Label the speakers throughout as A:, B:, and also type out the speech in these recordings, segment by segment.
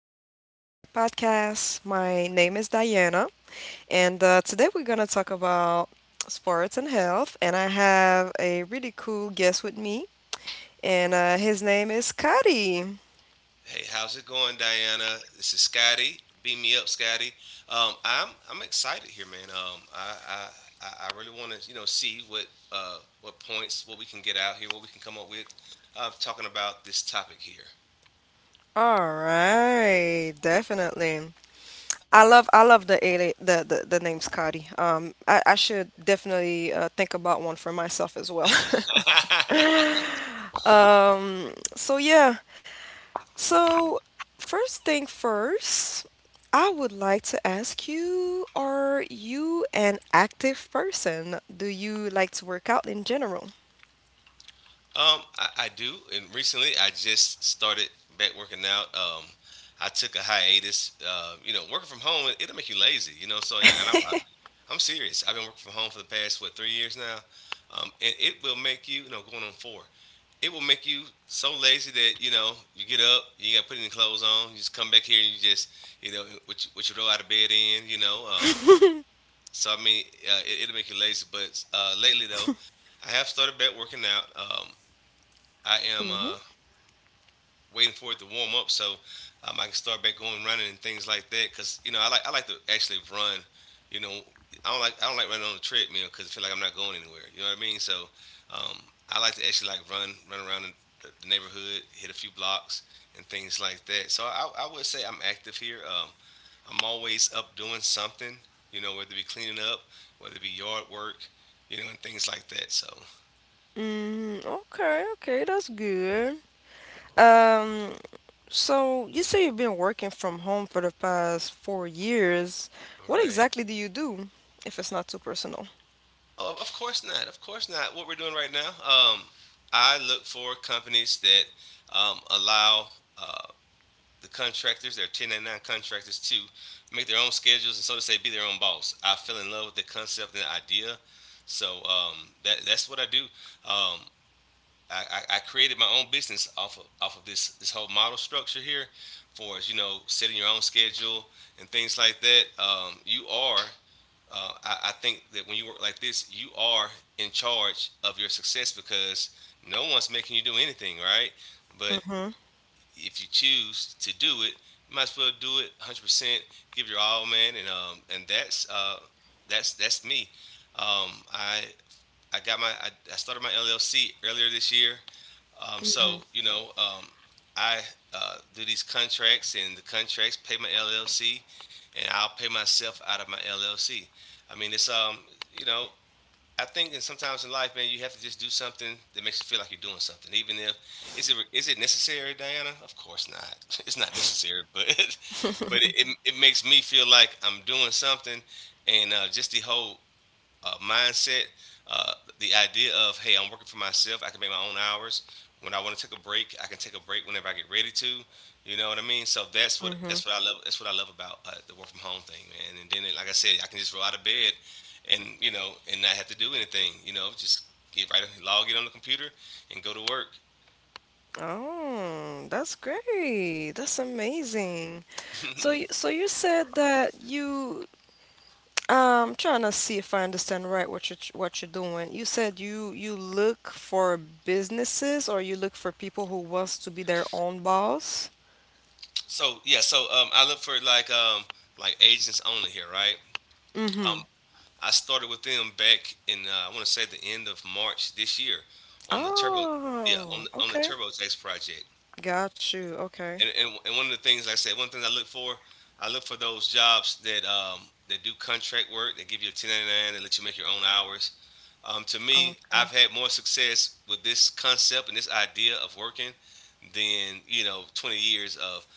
A: back to my podcast. My name is Diana, and today we're going to talk about sports and health. And I have a really cool guest with me, and his name is Cuddy.
B: Hey, how's it going, Diana? This is Scotty. Beam me up, Scotty. I'm excited here, man. I really want to see what points what we can get out here, what we can come up with. Talking about this topic here.
A: All right, definitely. I love the ali- the name Scotty. I should definitely think about one for myself as well. um, so yeah, So, first thing first, I would like to ask you, are you an active person? Do you like to work out in general?
B: I do, and recently I just started back working out. I took a hiatus. You know, working from home it'll make you lazy. You know, so and I am serious. I've been working from home for the past what 3 years now, and it will make you, you know, going on four. It will make you so lazy that you know you get up, you got to put any clothes on, you just come back here and you just, you know, what you roll out of bed in. So it'll make you lazy. But lately though, I have started back working out. I am
A: Mm-hmm.
B: waiting for it to warm up so I can start back going running and things like that. Cause you know I like to actually run. You know I don't like running on the treadmill because I feel like I'm not going anywhere. You know what I mean? So um, I like to actually like run run around the neighborhood, hit a few blocks and things like that. So I would say I'm active here. I'm always up doing something. You know whether it be cleaning up, whether it be yard work, you know and things like that. So
A: Mm, okay, okay, that's good. Um, so you say you've been working from home for the past 4 years.
B: all
A: What
B: right.
A: exactly do you do, if it's not too personal?
B: Oh, of course not. Of course not. What we're doing right now, I look for companies that allow uh, the contractors, their 1099 contractors, to make their own schedules and so to say, be their own boss. I fell in love with the concept and the idea, so that's what I do. Um, I, I created my own business off of this whole model structure here, for as you know, setting your own schedule and things like that. You are I think that when you work like this, you are in charge of your success because no one's making you do anything, right? But
A: Mm-hmm.
B: if you choose to do it, you might as well do it 100%, give your all, man. And that's me. Um, I I started my LLC earlier this year.
A: Mm-hmm.
B: So you know, I do these contracts, and the contracts pay my LLC, and I'll pay myself out of my LLC. I mean, you know, I think, and sometimes in life, man, you have to just do something that makes you feel like you're doing something, even if is it necessary, Diana? Of course not. It's not necessary, but but it makes me feel like I'm doing something, and just the whole mindset, uh, the idea of hey, I'm working for myself. I can make my own hours. When I want to take a break, I can take a break whenever I get ready to. You know what I mean? So
A: Mm-hmm.
B: that's what I love. That's what I love about the work from home thing, man. And then, like I said, I can just roll out of bed, and you know, and not have to do anything. You know, just get right log in on the computer and go to work.
A: Oh, that's great. That's amazing. So, y- so you said that you, trying to see if I understand right what you're doing. You said you look for businesses or you look for people who wants to be their own boss.
B: So yeah, so I look for like agents only here, right?
A: Mm-hmm.
B: Um, I started with them back in I want to say the end of March this year on the turbo yeah on
A: Oh,
B: on the
A: okay.
B: TurboTax project.
A: Got you. Okay.
B: And and one of the things like I said, one thing I look for those jobs that that do contract work. They give you a 1099. They let you make your own hours. To me, I've
A: Okay.
B: had more success with this concept and this idea of working than you know 20 years of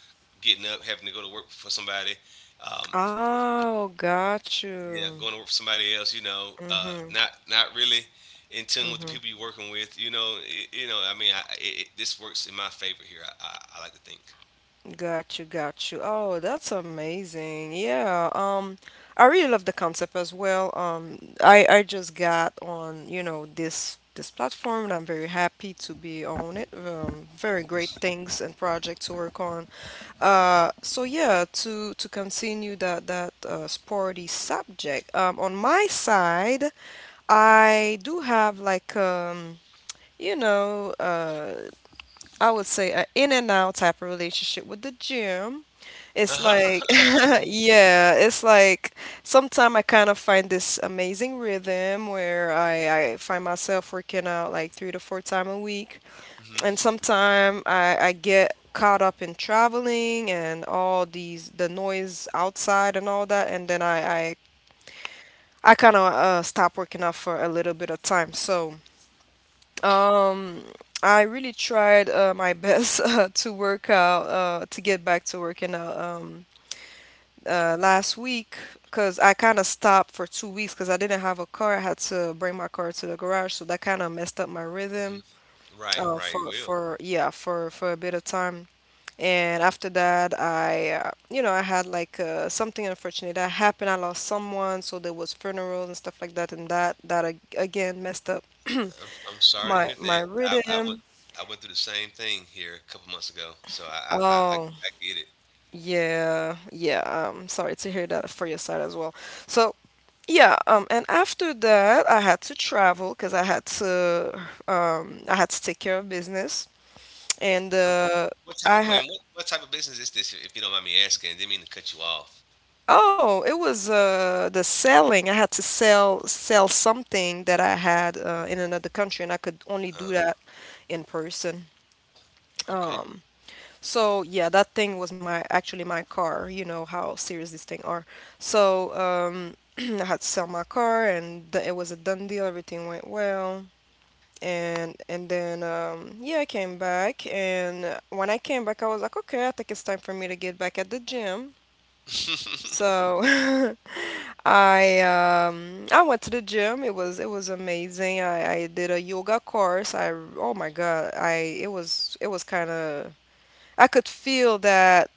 B: getting up, having to go to work for somebody. Um,
A: Oh, got
B: yeah,
A: you.
B: going to work for somebody else, you know,
A: Mm-hmm.
B: not really in tune with the
A: Mm-hmm.
B: people you're working with, you know, you know. I mean, this works in my favor here. I I, like to think.
A: Got you, got you. Oh, that's amazing. Yeah, I really love the concept as well. I just got on, you know, this platform and I'm very happy to be on it. Very great things and projects to work on. So yeah, to continue that sporty subject. On my side, I do have like you know, uh, I would say, an in and out type of relationship with the gym. It's like,
B: Uh-huh.
A: yeah, it's like sometimes I kind of find this amazing rhythm where I find myself working out like three to four times a week. And
B: Hmm.
A: sometimes I get caught up in traveling and all these, the noise outside and all that. And then I kind of stop working out for a little bit of time. So, um, I really tried my best to work out, to get back to working out last week because I kind of stopped for 2 weeks because I didn't have a car. I had to bring my car to the garage, so that kind of messed up my rhythm
B: Right, right. It will.
A: for yeah for a bit of time. And after that, I you know, I had like something unfortunate that happened. I lost someone, so there was funerals and stuff like that, and that again messed up
B: I'm sorry to
A: my
B: hear
A: my
B: that.
A: rhythm.
B: I went through the same thing here a couple months ago, so I
A: Oh,
B: I get it.
A: yeah, yeah. I'm sorry to hear that for your side as well. So, yeah, and after that, I had to travel because I had to take care of business, and
B: Um, What type
A: I
B: of wait?
A: had.
B: What type of business is this? If you don't mind me asking, I didn't mean to cut you off.
A: Oh, it was the selling. I had to sell something that I had in another country, and I could only do
B: Uh,
A: that in person.
B: okay.
A: Um, so yeah, that thing was my actually my car. You know how serious these things are. So I had to sell my car, and it was a done deal. Everything went well, and then yeah, I came back, and when I came back, I was like, okay, I think it's time for me to get back at the gym. So I went to the gym. It was amazing. I did a yoga course. I, oh my God. I it was kind of, I could feel that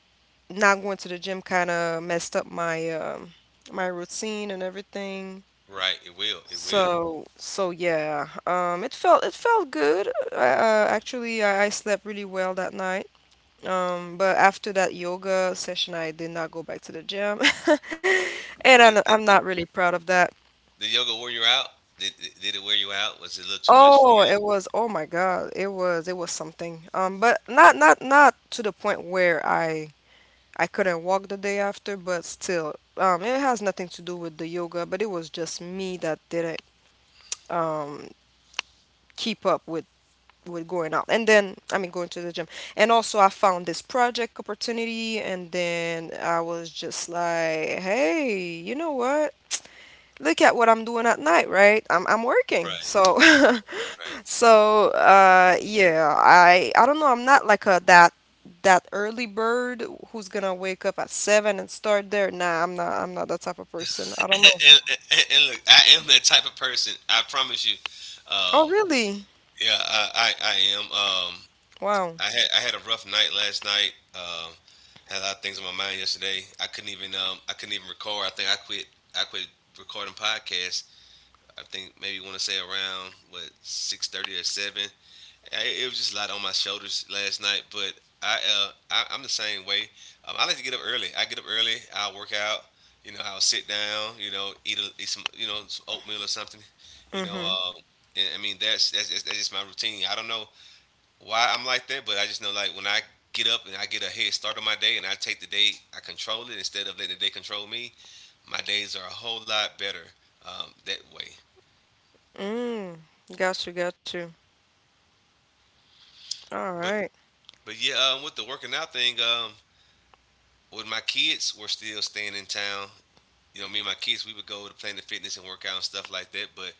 A: not going to the gym kind of messed up my my routine and everything.
B: Right, it will. It will.
A: So yeah, it felt good. Actually, I slept really well that night. But after that yoga session, I did not go back to the gym, and
B: But
A: I'm not really proud of that.
B: the yoga wore you out? Did it wear you out? Was it a little too much for
A: Oh,
B: you?
A: it was, oh my God, it was something. But not to the point where I couldn't walk the day after, but still, it has nothing to do with the yoga, but it was just me that didn't um, keep up with going out. And then, I mean, going to the gym. And also, I found this project opportunity, and then I was just like, hey, you know what? Look at what I'm doing at night, right? I'm working,
B: Right,
A: so
B: right.
A: So, yeah, I don't know. I'm not like a that that early bird who's gonna wake up at seven and start there. Nah, I'm not. I'm not that type of person. I don't know.
B: and, and and look, I am that type of person. I promise you. Um,
A: Oh, really?
B: yeah, I am. Um,
A: Wow.
B: I had I had a rough night last night. Had a lot of things on my mind yesterday. I couldn't even record. I think I quit. I quit recording podcasts. I think maybe want to say around what 6:30 or seven. I- it was just a lot on my shoulders last night. But I I'm the same way. I like to get up early. I get up early. I'll work out. You know, I'll sit down. You know, eat some some oatmeal or something. You know,
A: Mm-hmm.
B: and I mean that's just my routine. I don't know why I'm like that, but I just know like when I get up and I get a head start on my day and I take the day, I control it instead of letting the day control me. My days are a whole lot better that way.
A: Mm. Got you. Got you. All
B: But
A: right.
B: but yeah, with the working out thing, when my kids were still staying in town, you know, me and my kids, we would go to Planet Fitness and work out and stuff like that. But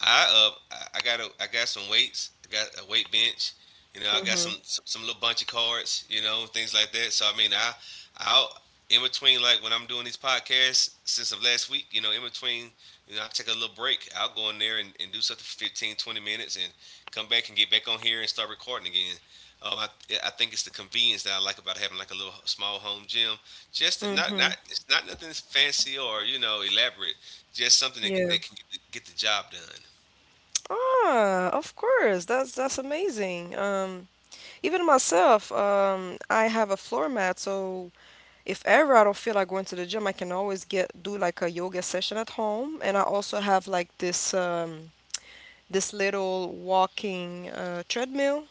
B: I uh I got a I got some weights. I got a weight bench. You know, I got
A: Mm-hmm.
B: some some little bunch of cards. You know, things like that. So I mean, I I'll in between like when I'm doing these podcasts since of last week. You know, in between, you know, I take a little break. I'll go in there and do something for 15, 20 minutes, and come back and get back on here and start recording again. Um, I, I think it's the convenience that I like about having like a little small home gym. Just to-
A: Mm-hmm.
B: not it's not nothing fancy or you know elaborate. Just something that,
A: Yeah.
B: that can get get the job done.
A: Ah, of course. That's amazing. Even myself, I have a floor mat, so if ever I don't feel like going to the gym, I can always get do like a yoga session at home, and I also have like this little walking treadmill,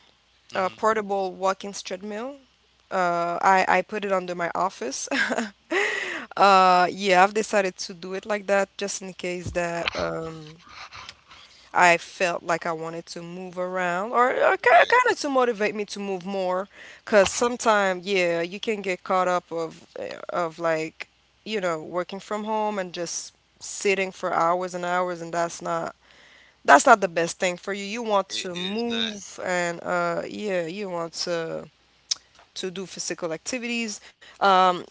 A: a
B: Hmm.
A: portable walking treadmill. I put it under my office. Yeah, I've decided to do it like that just in case that I felt like I wanted to move around, or kind
B: Right.
A: of to motivate me to move more because sometimes, yeah, you can get caught up of like, you know, working from home and just sitting for hours and hours, and that's not, that's not the best thing for you. You want
B: It
A: to
B: is not.
A: move and uh, yeah, you want to do physical activities. Um,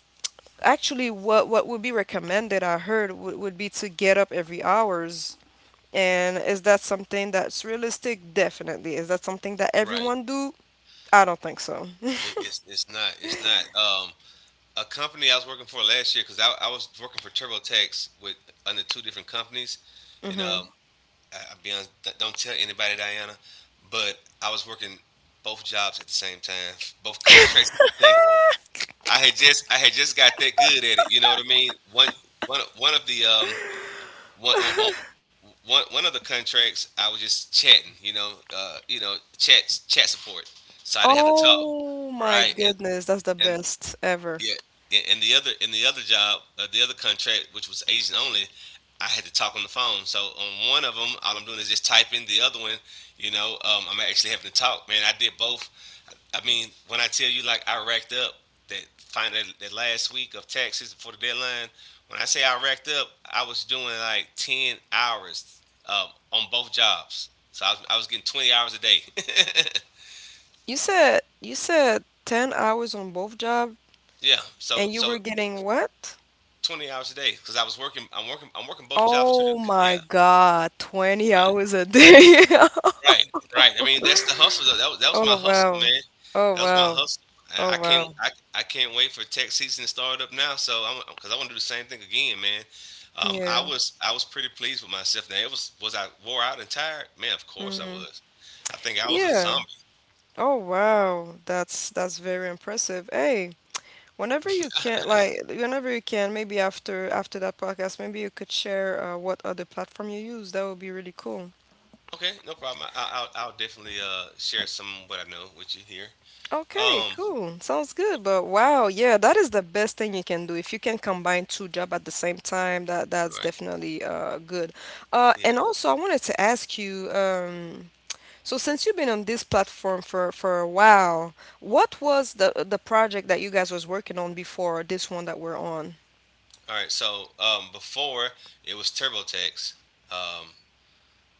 A: actually, what would be recommended I heard would be to get up every hours, and is that something that's realistic? Definitely. Is that something that
B: Right.
A: everyone do? I don't think so.
B: It's It's not. A company I was working for last year because I was working for TurboTax with under two different companies, and I'll be honest, d- don't tell anybody, Diana, but I was working both jobs at the same time, both contracts at the same. I had just got that good at it. You know what I mean? One one one of the one on one one of the contracts I was just chatting, you know, chat support. So I didn't have to talk,
A: Oh my
B: right? And
A: goodness, that's the
B: and
A: best ever.
B: yeah, and the other in the other job, the other contract which was agent only, I had to talk on the phone. So on one of them, all I'm doing is just typing. The other one, you know, I'm actually having to talk. Man, I did both I mean, when I tell you like I racked up that last week of taxes before the deadline, when I say I racked up, I was doing like 10 hours on both jobs. So I was getting 20 hours a day.
A: You said 10 hours on both job,
B: Yeah. So
A: and you
B: so
A: were getting what?
B: 20 hours a day because I was working. I'm working. I'm working both jobs too.
A: Oh
B: Yeah.
A: my God, 20 hours a day.
B: Right, right. I mean, that's the hustle. Though. That was my
A: Oh
B: hustle,
A: wow.
B: man.
A: Oh
B: That was my
A: wow.
B: hustle. And
A: Oh wow.
B: I can't wait for tax season to start up now. So I'm because I want to do the same thing again, man. Um, I
A: Yeah.
B: was I was pretty pleased with myself. Now it was I wore out and tired? Man, of course I
A: Hmm.
B: was. I think I was a
A: Yeah.
B: zombie.
A: Oh wow. That's very impressive. Hey, whenever you can, like whenever you can, maybe after that podcast, maybe you could share what other platform you use. That would be really cool.
B: Okay, no problem. I'll definitely share some of what I know with you here.
A: Okay,
B: Um,
A: cool. Sounds good. But wow, yeah, that is the best thing you can do. If you can combine two job at the same time, that that's
B: right.
A: definitely uh, good.
B: Yeah.
A: And also I wanted to ask you, so since you've been on this platform for a while, what was the project that you guys was working on before this one that we're on?
B: All right. So before it was TurboTax. Um,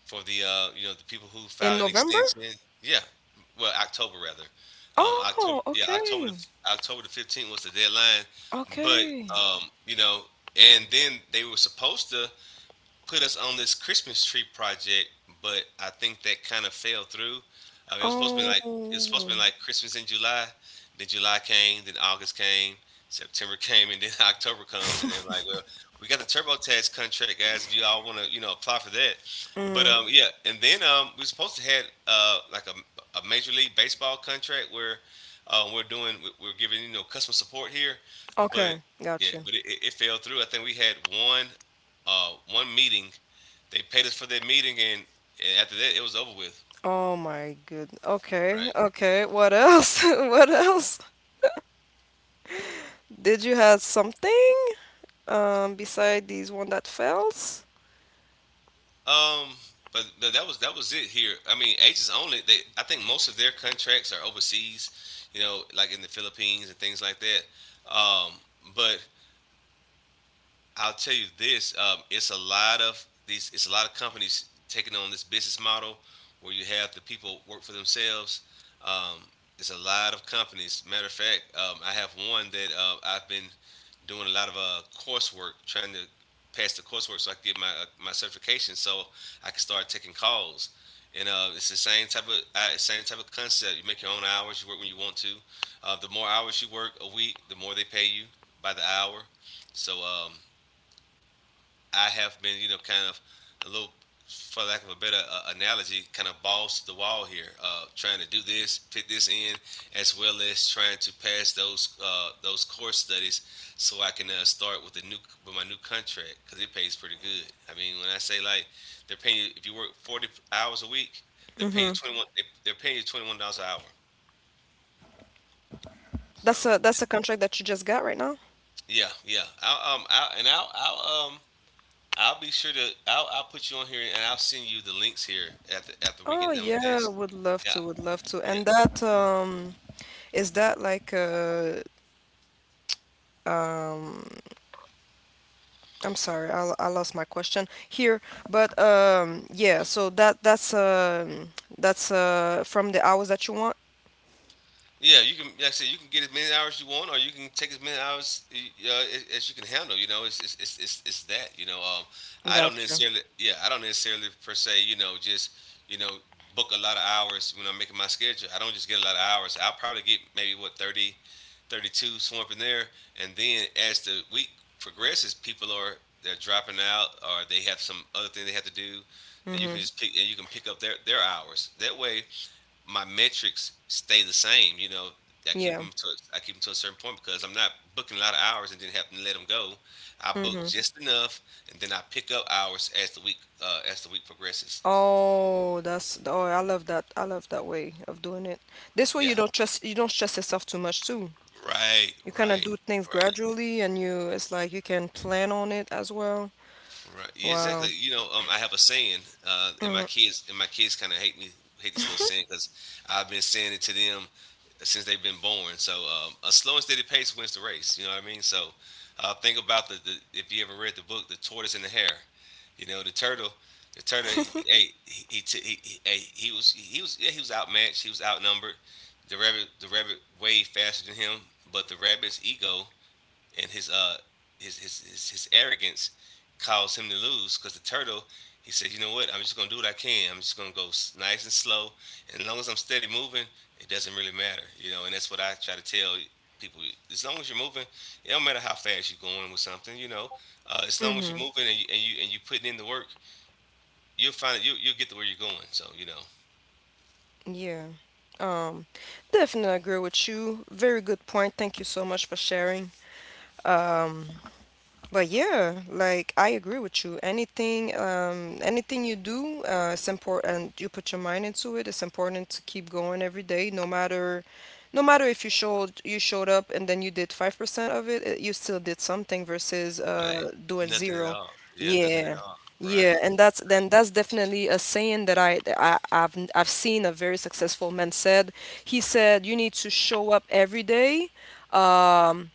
B: for the you know the people who
A: In
B: filed an
A: November?
B: extension. Yeah, well October rather. Um, October
A: Oh,
B: yeah October
A: okay.
B: the, October the 15th was the deadline, but
A: Okay.
B: um, you know and then they were supposed to put us on this Christmas tree project, but I think that kind of fell through. It was supposed to be like it was supposed to
A: Oh.
B: be like Christmas in July. Then July came, then August came, September came, and then October comes, and they're like, "Well, we got the TurboTax contract, guys. If you all want to, apply for that." But
A: Mm.
B: um, yeah, and then we were supposed to had like a major league baseball contract where we're doing we're giving customer support here, but
A: Okay.
B: yeah,
A: Got you.
B: but it fell through. I think we had one meeting. They paid us for that meeting, and after that, it was over with.
A: Oh my good. Okay.
B: Right.
A: Okay. What else? What else? Did you have something beside these one that fails?
B: Um, but that was it here. I mean, agents only. They I think most of their contracts are overseas, like in the Philippines and things like that. But I'll tell you this: it's a lot of these. It's a lot of companies taking on this business model where you have the people work for themselves. Um, it's a lot of companies. Matter of fact, I have one that I've been doing a lot of coursework, trying to pass the coursework so I can get my certification, so I can start taking calls. And it's the same type of concept. You make your own hours. You work when you want to. The more hours you work a week, the more they pay you by the hour. So, I have been, you know, kind of a little, for lack of a better analogy, kind of balls to the wall here, trying to do this, fit this in, as well as trying to pass those course studies so I can start with the new with my new contract because it pays pretty good. I mean, when I say like they're paying you if you work 40 hours a week, they're paying you
A: Mm-hmm.
B: 21. They're paying you $21 an hour. So
A: That's a contract that you just got right now?
B: yeah, yeah. I'll be sure to. I'll put you on here, and I'll send you the links here after we
A: Oh
B: get done with
A: yeah,
B: this.
A: would love
B: Yeah,
A: to, would love to.
B: yeah.
A: And that is that like a um, I'm sorry, I lost my question here, but yeah, so that's uh, from the hours that you want.
B: Yeah, you can. Like I said, you can get as many hours you want, or you can take as many hours as you can handle. You know, it's that. You know, I don't
A: Gotcha.
B: necessarily. Yeah, I don't necessarily per se. You know, just you know, book a lot of hours when I'm making my schedule. I don't just get a lot of hours. I'll probably get maybe what 30, thirty two 32, somewhere up in there. And then as the week progresses, people are they're dropping out, or they have some other thing they have to do, and
A: Mm-hmm.
B: you can pick up their hours. That way, my metrics stay the same. You know, I keep
A: Yeah.
B: them to I keep them to a certain point because I'm not booking a lot of hours and then having to let them go. I book
A: Mm-hmm.
B: just enough, and then I pick up hours as the week progresses.
A: Oh, that's, oh, I love that. I love that way of doing it. This way,
B: Yeah,
A: you don't stress yourself too much too.
B: right,
A: You kind of
B: right,
A: do things
B: right.
A: gradually, and you, it's like you can plan on it as well.
B: Right. Yeah, exactly.
A: Wow.
B: You know, I have a saying, and my
A: Mm.
B: kids and my kids kind of hate me, hate this little saying because I've been saying it to them since they've been born. So a slow and steady pace wins the race. You know what I mean? So think about the if you ever read the book, The Tortoise and the Hare. You know, the turtle. He was outmatched. He was outnumbered. The rabbit way faster than him, but the rabbit's ego and his arrogance caused him to lose because the turtle, he said, you know what? I'm just gonna do what I can. I'm just gonna go nice and slow, and as long as I'm steady moving, it doesn't really matter, you know. And that's what I try to tell people: as long as you're moving, it don't matter how fast you're going with something, you know. As long as
A: Mm-hmm.
B: you're moving and you putting in the work, you'll find that you'll get to where you're going. So you know,
A: Yeah. Um, definitely agree with you. Very good point. Thank you so much for sharing. Um, but yeah, like I agree with you. Anything, anything you do, it's important. You put your mind into it. It's important to keep going every day, no matter if you showed up and then you did 5% of it, you still did something versus
B: right?
A: doing
B: Nothing at
A: zero.
B: all. Yeah, nothing at
A: Yeah.
B: all.
A: Yeah,
B: Right.
A: and
B: Right.
A: that's definitely a saying that I've seen a very successful man said. He said you need to show up every day um,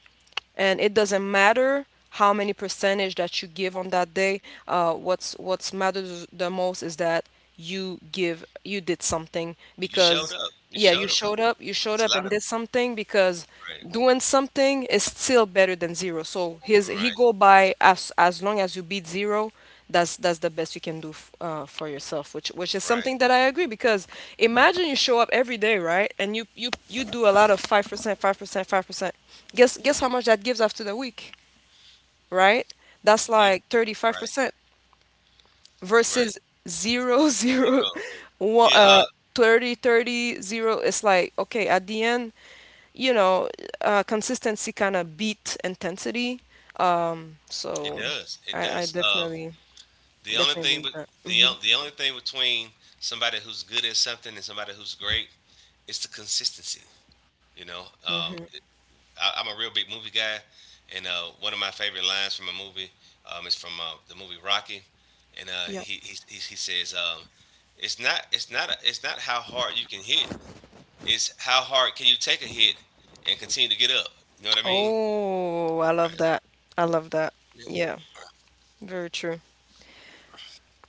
A: and it doesn't matter how many percentage that you give on that day, what's matters the most is that you did something
B: You showed
A: because
B: up. You
A: yeah,
B: showed up. 'Cause it's,
A: you showed
B: it's a
A: up
B: lot
A: and
B: of.
A: did something because
B: Right.
A: doing something is still better than zero. So his he
B: Right,
A: go by, as long as you beat zero, that's the best you can do, for yourself, which is
B: right,
A: something that I agree because imagine you show up every day, right? And you do a lot of 5% 5% 5%. Guess how much that gives after the week, right?
B: you,
A: That's
B: you,
A: like
B: right,
A: 35%
B: right.
A: versus zero zero
B: Zero.
A: one
B: Yeah,
A: 30 zero. It's like, okay, at the end, you know consistency kind of beat intensity. um
B: it
A: so
B: does. It
A: I
B: does.
A: definitely
B: The only
A: definitely
B: thing,
A: believe
B: with,
A: that.
B: the only thing between somebody who's good at something and somebody who's great is the consistency. You know, I'm a real big movie guy, and one of my favorite lines from a movie is from the movie Rocky, and uh,
A: Yeah.
B: he, he he he says, "It's not how hard you can hit. It's how hard can you take a hit and continue to get up? You know what I mean?"
A: Oh, I love
B: Right.
A: that. I love that.
B: Yeah.
A: Yeah, very true.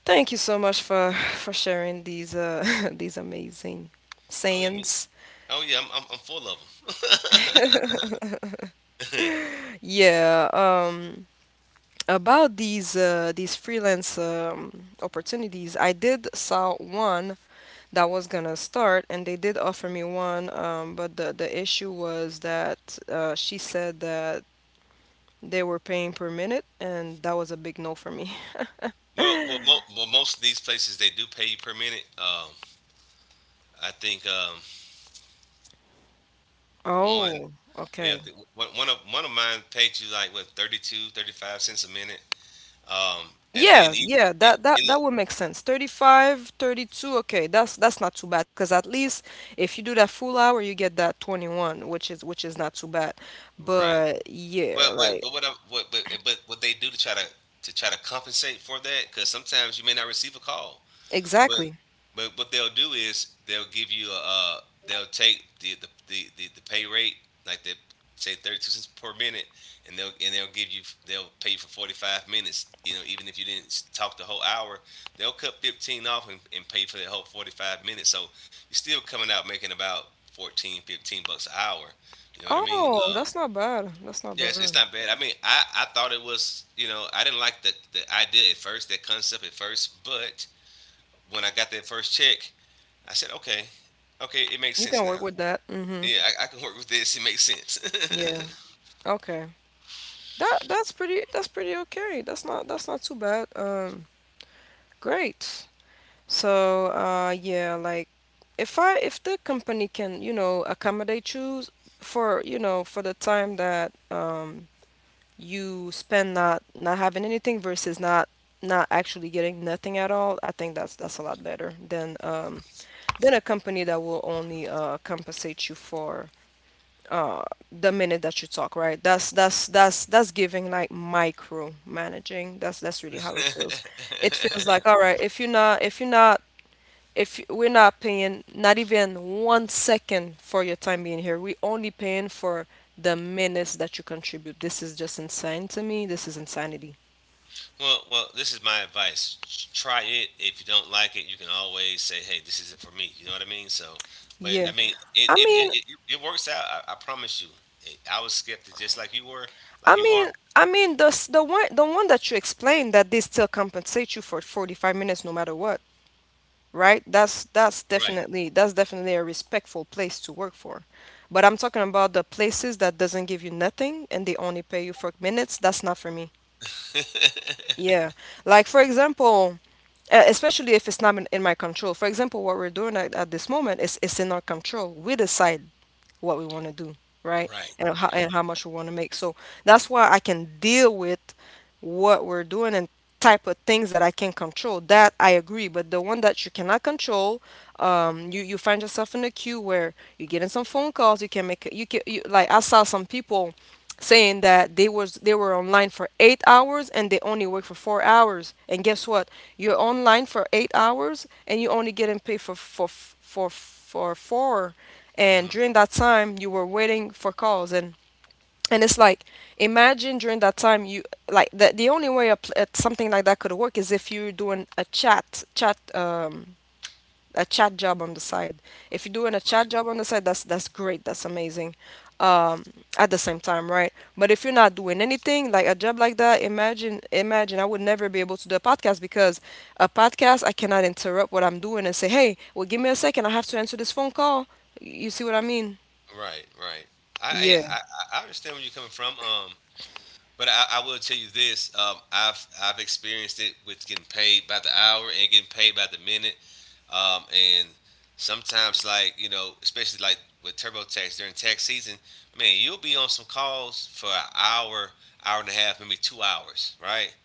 A: Thank you so much for sharing these these amazing
B: Oh, I mean,
A: sayings.
B: oh yeah, I'm full of them.
A: Yeah, about these freelance opportunities, I did saw one that was gonna start, and they did offer me one, but the issue was that she said that they were paying per minute, and that was a big no for me.
B: Most of these places they do pay you per minute. I think one,
A: Oh,
B: yeah,
A: okay.
B: I think one of mine paid you like what 32, 35 cents a minute. And then
A: Yeah,
B: e-
A: yeah, that that
B: in the,
A: that would make sense. 35, 32. Okay, that's not too bad because at least if you do that full hour, you get that 21, which is not too bad.
B: right,
A: But yeah, like
B: but what I, what but what they do to try to compensate for that because sometimes you may not receive a call. But
A: exactly.
B: but what they'll do is they'll give you a they'll take the pay rate like they say 32 cents per minute, and they'll pay you for 45 minutes. You know, even if you didn't talk the whole hour, they'll cut 15 off and pay for the whole 45 minutes. So you're still coming out making about 14, 15 bucks an hour. You know what I mean?
A: Oh, that's not bad. That's not
B: Yeah, it's,
A: bad.
B: it's not bad. I mean, I thought it was I didn't like the idea at first, that concept at first, but when I got that first check, I said, okay, okay, it makes
A: You
B: sense
A: can
B: now.
A: work with that. Mm-hmm.
B: Yeah, I can work with this. It makes sense.
A: Yeah. Okay. That's pretty okay. That's not too bad. Great. So, yeah, like if the company can, you know, accommodate you for, you know, for the time that you spend not having anything versus not actually getting nothing at all, I think that's a lot better than than a company that will only compensate you for uh the minute that you talk, right? That's giving like micro managing. That's really how it feels. It feels like, all right, if we're not paying not even 1 second for your time being here, we only paying for the minutes that you contribute. This is just insane to me. This is insanity.
B: This is my advice. Try it. If you don't like it, you can always say, hey, this isn't for me. You know what I mean? So, but
A: Yeah.
B: I mean, it
A: I
B: it it,
A: mean,
B: it, it works out. I promise you. I was skeptic, just like you were, like
A: I
B: you are.
A: mean, I mean the one that you explained that they still compensate you for 45 minutes no matter what, right? That's that's
B: Right.
A: definitely that's definitely a respectful place to work for. But I'm talking about the places that doesn't give you nothing and they only pay you for minutes. That's not for me. Yeah. Like for example, especially if it's not in my control. For example, what we're doing at this moment is it's in our control. We decide what we want to do, right?
B: Right.
A: And how
B: Right.
A: and how much we want to make. So that's why I can deal with what we're doing and type of things that I can control, that I agree. But the one that you cannot control, you find yourself in a queue where you're getting some phone calls. You can make you can you, Like I saw some people saying that they were online for 8 hours and they only work for 4 hours. And guess what? You're online for 8 hours and you're only getting paid for four. And
B: Hmm.
A: during that time, you were waiting for calls, and it's like, imagine during that time you, like, the only way something like that could work is if you're doing a chat job on the side, if you're doing a
B: Right.
A: chat job on the side, that's great, that's amazing um at the same time, right? But if you're not doing anything like a job like that, imagine I would never be able to do a podcast because a podcast, I cannot interrupt what I'm doing and say, hey, well, give me a second, I have to answer this phone call. You see what I mean?
B: Right. Right. I, yeah,
A: Yeah.
B: I understand where you're coming from. But I will tell you this: I've experienced it with getting paid by the hour and getting paid by the minute. And sometimes, like especially like with TurboTax during tax season, man, you'll be on some calls for an hour, hour and a half, maybe 2 hours, right?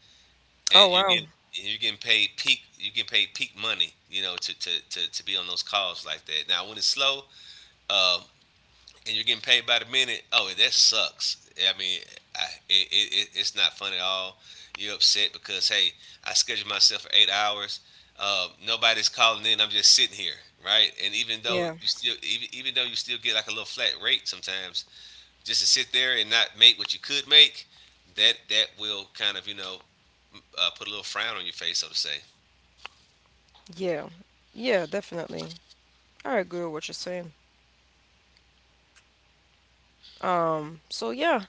A: Oh,
B: And you're
A: wow.
B: getting and you're getting paid peak. You're getting paid peak money, you know, to be on those calls like that. Now, when it's slow, um, and you're getting paid by the minute, oh, that sucks. I mean, it's not fun at all. You're upset because, hey, I scheduled myself for 8 hours. Nobody's calling in. I'm just sitting here, right? And even though
A: Yeah.
B: you still, even, even though you still get like a little flat rate sometimes, just to sit there and not make what you could make, that will kind of put a little frown on your face, so to say.
A: Yeah. Yeah, definitely. I agree with what you're saying. So yeah,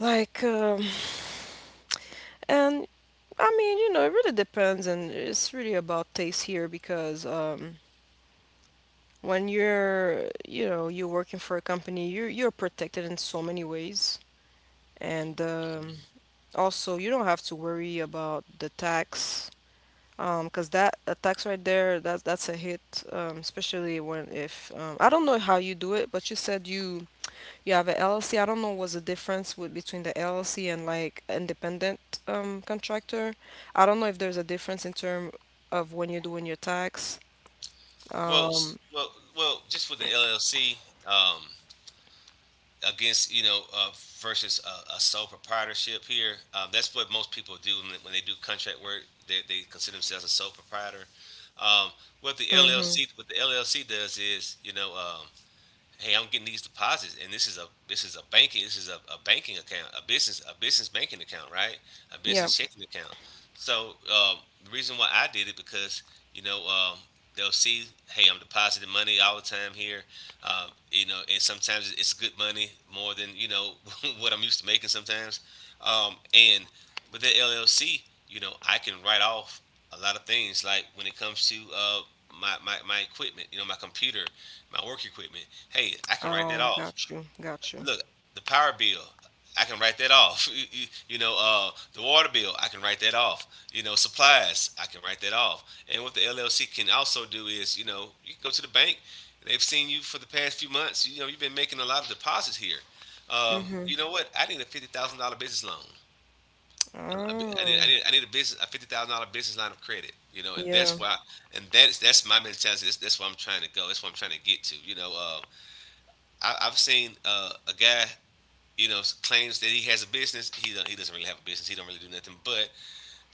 A: like, and I mean, you know, it really depends, and it's really about taste here because when you're working for a company, you're protected in so many ways, and also you don't have to worry about the tax, 'cause that a tax right there, that's a hit, especially when if I don't know how you do it, but you said you have a LLC. I don't know what's the difference with between the LLC and like independent contractor. I don't know if there's a difference in term of when you're doing your tax.
B: Well, s- well, just with the LLC, um, against you know versus a sole proprietorship here. That's what most people do when they do contract work. They consider themselves a sole proprietor. Um,
A: Mm-hmm.
B: What the LLC does is, hey, I'm getting these deposits, and this is a banking this is a banking account, a business banking account, right? A
A: Yeah.
B: business checking account. So the reason why I did it because you know um, they'll see, hey, I'm depositing money all the time here, you know, and sometimes it's good money more than you know what I'm used to making sometimes, and with that LLC, you know, I can write off a lot of things like when it comes to my equipment, you know, my computer, my work equipment. Hey, I can write that
A: Oh,
B: off.
A: got you. Got you.
B: Look, the power bill, I can write that off. The water bill, I can write that off. You know, supplies, I can write that off. And what the LLC can also do is, you know, you can go to the bank. They've seen you for the past few months. You know, you've been making a lot of deposits here.
A: Mm-hmm.
B: You know what? I need a $50,000 business loan. I- need, I
A: Oh,
B: need I need a business a $50,000 business line of credit. You know, and that's
A: yeah.
B: why, and that's that's my mentality. That's where I'm trying to go. That's what I'm trying to get to. You know, I've seen a guy, you know, claims that he has a business. He doesn't really have a business. He don't really do nothing. But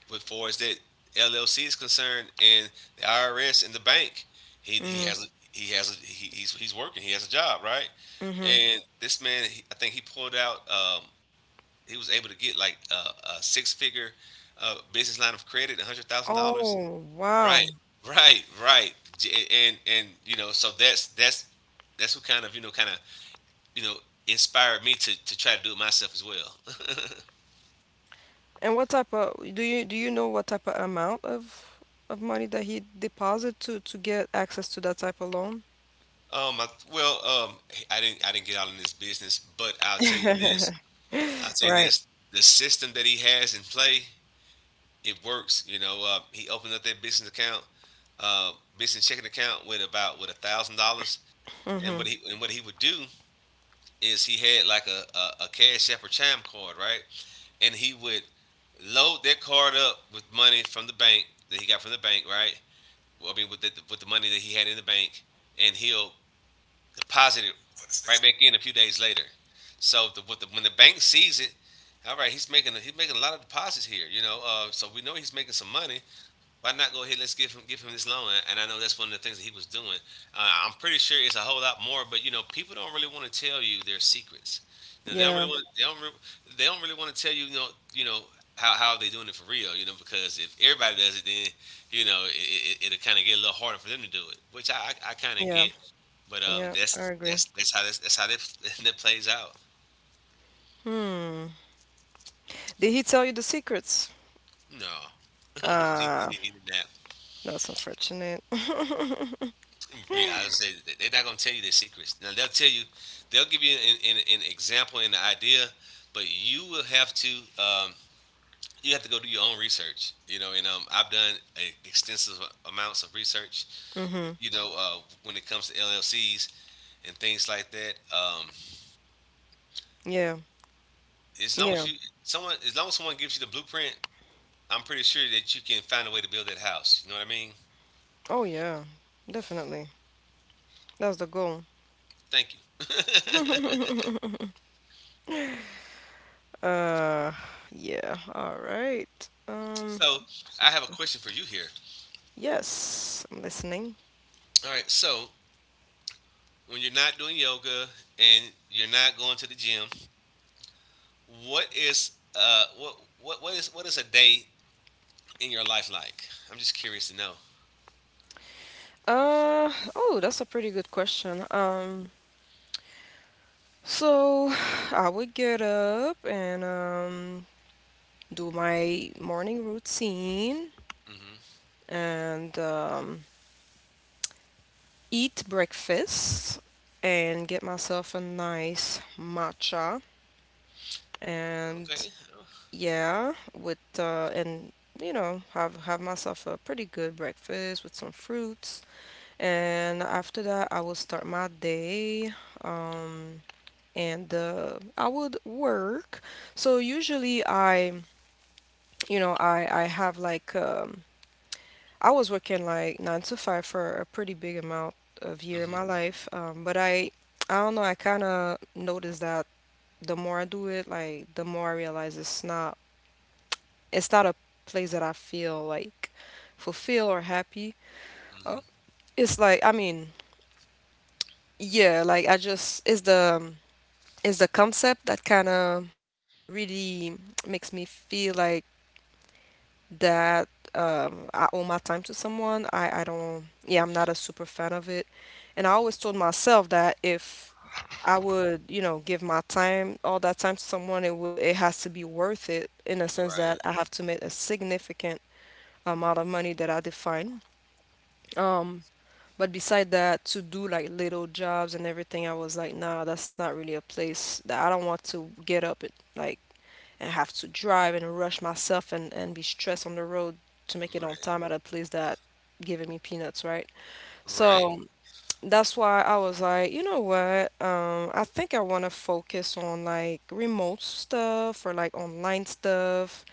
B: with far as that LLC is concerned, and the IRS and the bank, he
A: Mm-hmm.
B: has a, he has a, he, he's working. He has a job, right?
A: Mm-hmm.
B: And this man, he, I think he pulled out. He was able to get like a six figure business line of credit, $100,000.
A: Oh,
B: Right,
A: wow.
B: right. And you know, so that's who kind of kind of you know inspired me to try to do it myself as well.
A: And what type of do you know what type of amount of money that he deposit to get access to that type of loan?
B: Um, I, well, um, I didn't get out in this business, but I'll tell you this. I'll tell you
A: Right.
B: this. The system that he has in play, it works. You know, he opened up that business account, uh, business checking account with about with $1,000, and
A: Mm-hmm.
B: what he would do is he had like a cash app or chime card, right? And he would load that card up with money from the bank that he got from the bank, right? I mean, with the money that he had in the bank, and he'll deposit it right back in a few days later. So when the bank sees it, all right, he's making a lot of deposits here, you know. So we know he's making some money, why not go ahead and let's give him this loan? And I know that's one of the things that he was doing. I'm pretty sure it's a whole lot more, but you know, people don't really want to tell you their secrets. You know, they don't really
A: Yeah.
B: want they don't re- they don't really want to tell you you know how they doing it for real. You know, because if everybody does it, then you know it'll kind of get a little harder for them to do it, which I kind of
A: Yeah.
B: get. But
A: Yeah. I
B: that's
A: agree.
B: that's that's how that's, that's how that, that plays out.
A: Hmm. Did he tell you the secrets?
B: No,
A: Ah,
B: he did that.
A: that's unfortunate.
B: Real. I would say that they're not gonna tell you their secrets. Now they'll tell you, they'll give you an example and an idea, but you will have to um, you have to go do your own research. You know, and I've done extensive amounts of research.
A: Mm-hmm.
B: You know, when it comes to LLCs and things like that.
A: Yeah.
B: As long as
A: Yeah.
B: you as long as someone gives you the blueprint, I'm pretty sure that you can find a way to build that house. You know what I mean?
A: Oh, yeah. Definitely. That's the goal.
B: Thank you.
A: Uh, yeah. All right.
B: So I have a question for you here.
A: Yes, I'm listening.
B: All right, so when you're not doing yoga and you're not going to the gym, what is a day in your life like? I'm just curious to know.
A: Oh, that's a pretty good question. So I would get up and do my morning routine,
B: Hmm.
A: and eat breakfast, and get myself a nice matcha, and
B: Okay.
A: yeah, with and you know, have myself a pretty good breakfast with some fruits, and after that I will start my day, um and I would work. So usually I, you know, I have like, I was working like 9 to 5 for a pretty big amount of year in my
B: Hmm.
A: life. But I don't know, I kind of noticed that the more I do it, like the more I realize it's not a place that I feel like fulfilled or happy. Uh,
B: Hmm.
A: it's like, I mean, yeah, like I just, it's the concept that kind of really makes me feel like that I owe my time to someone. I don't, yeah, I'm not a super fan of it. And I always told myself that if I would, you know, give my time, all that time to someone, it has to be worth it in the sense that
B: Right.
A: I have to make a significant amount of money that I define. Um, but beside that, to do like little jobs and everything, I was like, nah, that's not really a place that I don't want to get up at like and have to drive and rush myself and be stressed on the road to make it on
B: Right.
A: time at a place that giving me peanuts, right?
B: Right.
A: So that's why I was like, you know what? I think I want to focus on like remote stuff or like online stuff.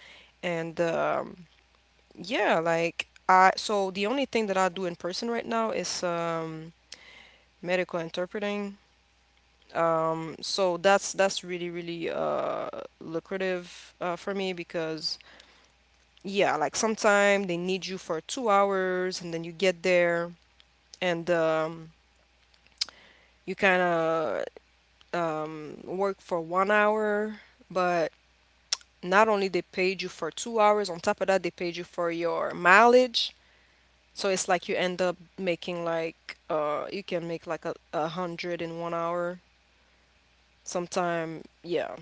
A: And yeah, like so the only thing that I do in person right now is medical interpreting. So that's really really lucrative for me because yeah, like sometime they need you for 2 hours and then you get there and you kind of work for 1 hour, but not only they paid you for 2 hours, on top of that they paid you for your mileage. So it's like you end up making like you can make like a hundred in 1 hour. Sometime, yeah.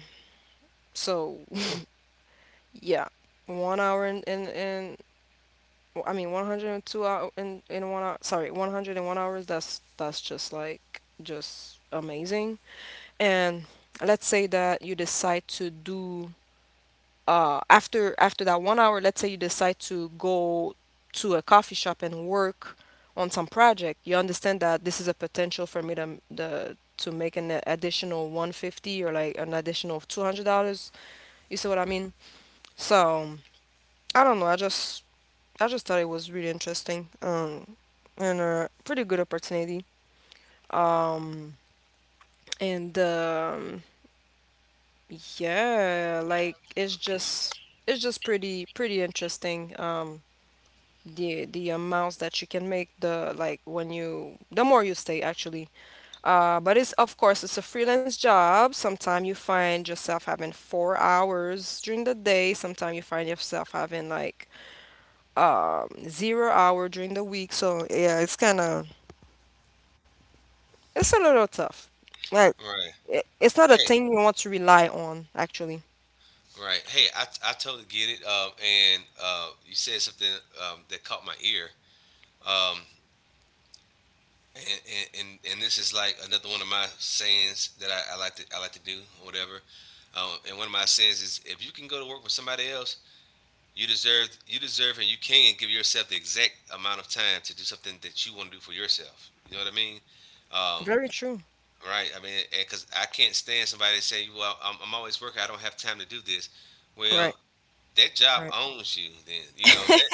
A: So yeah, 1 hour in I mean, 102 hour in 1 hour. Sorry, 101 hours. That's just like just amazing. And let's say that you decide to do after that 1 hour. Let's say you decide to go to a coffee shop and work on some project. You understand that this is a potential for me to make an additional 150 or like an additional $200. You see what I mean? So I don't know. I just thought it was really interesting, and a pretty good opportunity. Um, and yeah, like it's just pretty pretty interesting. The amounts that you can make the, like, when you, the more you stay, actually. But it's of course it's a freelance job. Sometimes you find yourself having 4 hours during the day. Sometimes you find yourself having like 0 hour during the week. So yeah, it's kind of. It's a little tough. Like
B: Right.
A: it's not a
B: Hey.
A: thing you want to rely on, actually.
B: Right. Hey. I totally get it. And you said something that caught my ear. Um. And, and, and this is like another one of my sayings that I like to do or whatever. And one of my sayings is if you can go to work for somebody else. You deserve and you can give yourself the exact amount of time to do something that you want to do for yourself. You know what I mean? Um,
A: Very true.
B: right. I mean, because I can't stand somebody that say, "Well, I'm always working. I don't have time to do this."
A: Right,
B: Well, that job
A: right,
B: owns you. Then you know that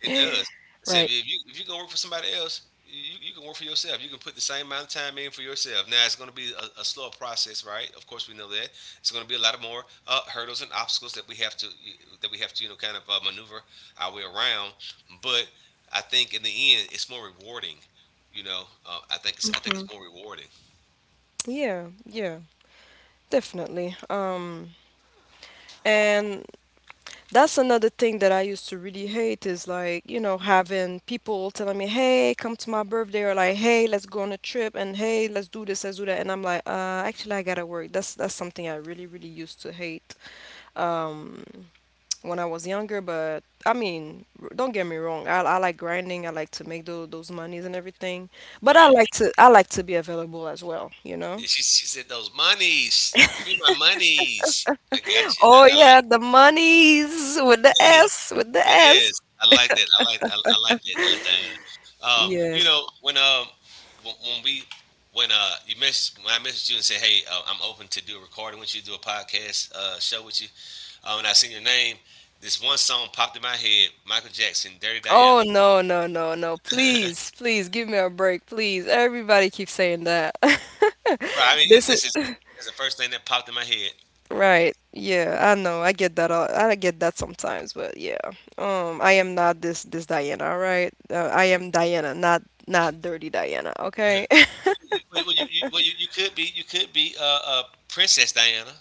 B: it does. I said,
A: right.
B: if you gonna work for somebody else, you can work for yourself. You can put the same amount of time in for yourself. Now it's gonna be a slower process, right? Of course, we know that it's gonna be a lot of more hurdles and obstacles that we have to you know kind of maneuver our way around. But I think in the end, it's more rewarding. You know, I think
A: Hmm.
B: it's more rewarding.
A: Yeah, yeah, definitely. And that's another thing that I used to really hate is like, you know, having people telling me, "Hey, come to my birthday," or like, "Hey, let's go on a trip," and "Hey, let's do this, let's do that," and I'm like, actually, I gotta work." That's something I really, really used to hate. Um, when I was younger, but I mean, don't get me wrong. I like grinding. I like to make those monies and everything. But I like
B: Right.
A: to I like to be available as well, you know?
B: Yeah, she said those monies. Give me my monies. I got you.
A: Oh
B: I
A: yeah,
B: like.
A: the monies With
B: It
A: the S.
B: is. I like that. I like. I like that. Diana.
A: Yeah.
B: You know, when we, when you message when I messaged you and said, "Hey, I'm open to do a recording with you, do a podcast show with you," and I seen your name. This one song popped in my head: Michael Jackson, "Dirty
A: Oh
B: Diana."
A: no, no, no, no. Please, please give me a break, please. Everybody keeps saying that.
B: Right. I mean,
A: This is
B: this is it's the first thing that popped in my head.
A: Right. Yeah, I know. I get that. I get that sometimes, but yeah. I am not this Diana. All right. I am Diana, not not dirty Diana, okay?
B: well, you, well, you, well, you, you could be Princess Diana,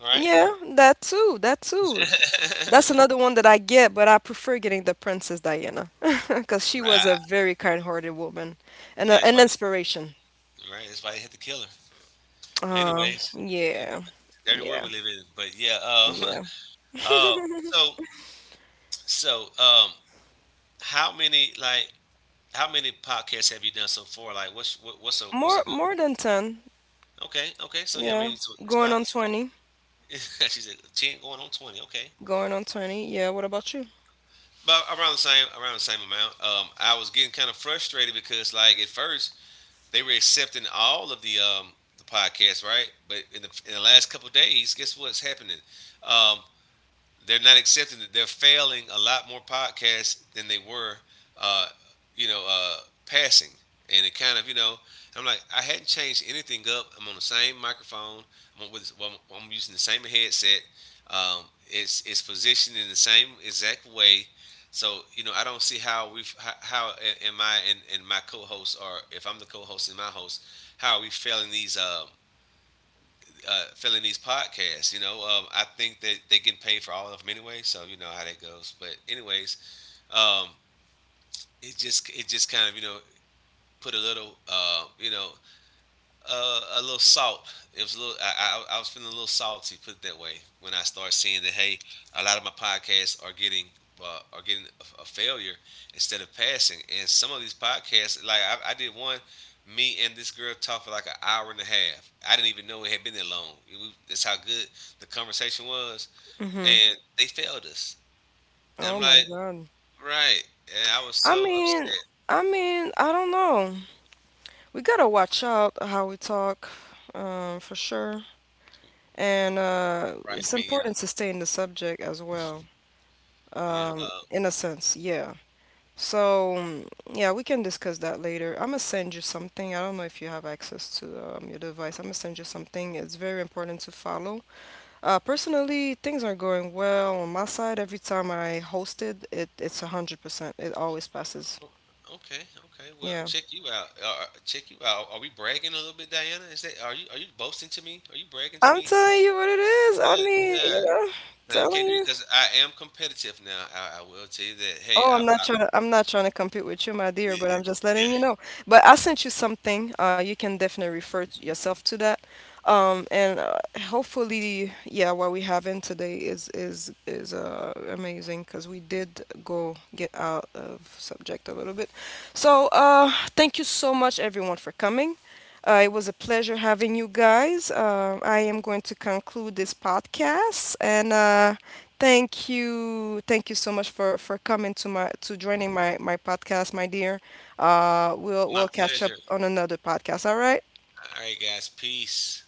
B: right?
A: Yeah, that too. That too.
B: right.
A: That's another one that I get, but I prefer getting the Princess Diana because she was a
B: I-
A: very kind-hearted woman and
B: Yeah,
A: a,
B: that's
A: an
B: why.
A: inspiration.
B: Right, that's why they hit the killer. But anyways, anyway,
A: Yeah.
B: it's a dirty world
A: Yeah.
B: we live in. But yeah,
A: Yeah.
B: um, so so how many like how many podcasts have you done so far? Like, what's a
A: More
B: good?
A: more than 10.
B: Okay, okay, so yeah, I
A: Yeah.
B: mean, so
A: Going on
B: it's
A: 20.
B: about she said ten going on 20. Okay,
A: Going on 20. Yeah, what about you?
B: about around the same amount. I was getting kind of frustrated because like at first they were accepting all of the podcasts, right? But in the last couple of days, guess what's happening? Um, they're not accepting that they're failing a lot more podcasts than they were, uh, you know, passing. And it kind of, you know, I'm like, I hadn't changed anything up. I'm on the same microphone. I'm, on with, well, I'm using the same headset. Um, it's positioned in the same exact way. So you know, I don't see how am I and my co-hosts, are if I'm the co-host and my host, how are we failing these filling these podcasts. You know, I think that they get paid for all of them anyway, so you know how that goes. But anyways, um, it just kind of you know put a little you know a little salt. It was a little. I was feeling a little salty, put it that way, when I started seeing that hey, a lot of my podcasts are getting a failure instead of passing, and some of these podcasts, like I did one, me and this girl talked for like an hour and a half. I didn't even know it had been that long. It was- that's how good the conversation was,
A: Mm-hmm.
B: and they failed us. And I'm
A: Oh my
B: like,
A: God.
B: right, and I was
A: I
B: so
A: mean,
B: upset.
A: I don't know. We gotta watch out how we talk, for sure. And
B: Right,
A: it's
B: I mean, yeah,
A: important to stay in the subject as well,
B: yeah. Uh,
A: in a sense, yeah. So, yeah, we can discuss that later. I'm gonna send you something. I don't know if you have access to your device. I'm gonna send you something. It's very important to follow. Personally, things are going well on my side. Every time I host it, it's 100%. It always passes.
B: O- Okay, okay. Well,
A: Yeah.
B: check you out. Check you out. Are we bragging a little bit, Diana? Is that are you, are you boasting to me? Are you bragging to
A: I'm
B: me?
A: telling you what it is. I
B: Yeah,
A: mean, you
B: yeah.
A: know,
B: Now you
A: telling
B: can't do
A: you.
B: it because I am competitive now. I will tell you that. Hey,
A: Oh, I'm
B: I,
A: not
B: I
A: trying I'm not trying to compete with you, my dear, but
B: it,
A: I'm
B: it,
A: just
B: yeah.
A: letting you know. But I sent you something. You can definitely refer yourself to that. And hopefully, yeah, what we have in today is amazing because we did go get out of subject a little bit. So, thank you so much, everyone, for coming. It was a pleasure having you guys. I am going to conclude this podcast and, thank you, thank you so much for coming to joining my podcast, my dear. We'll
B: My
A: catch up
B: pleasure.
A: on another podcast. All right.
B: All right, guys. Peace.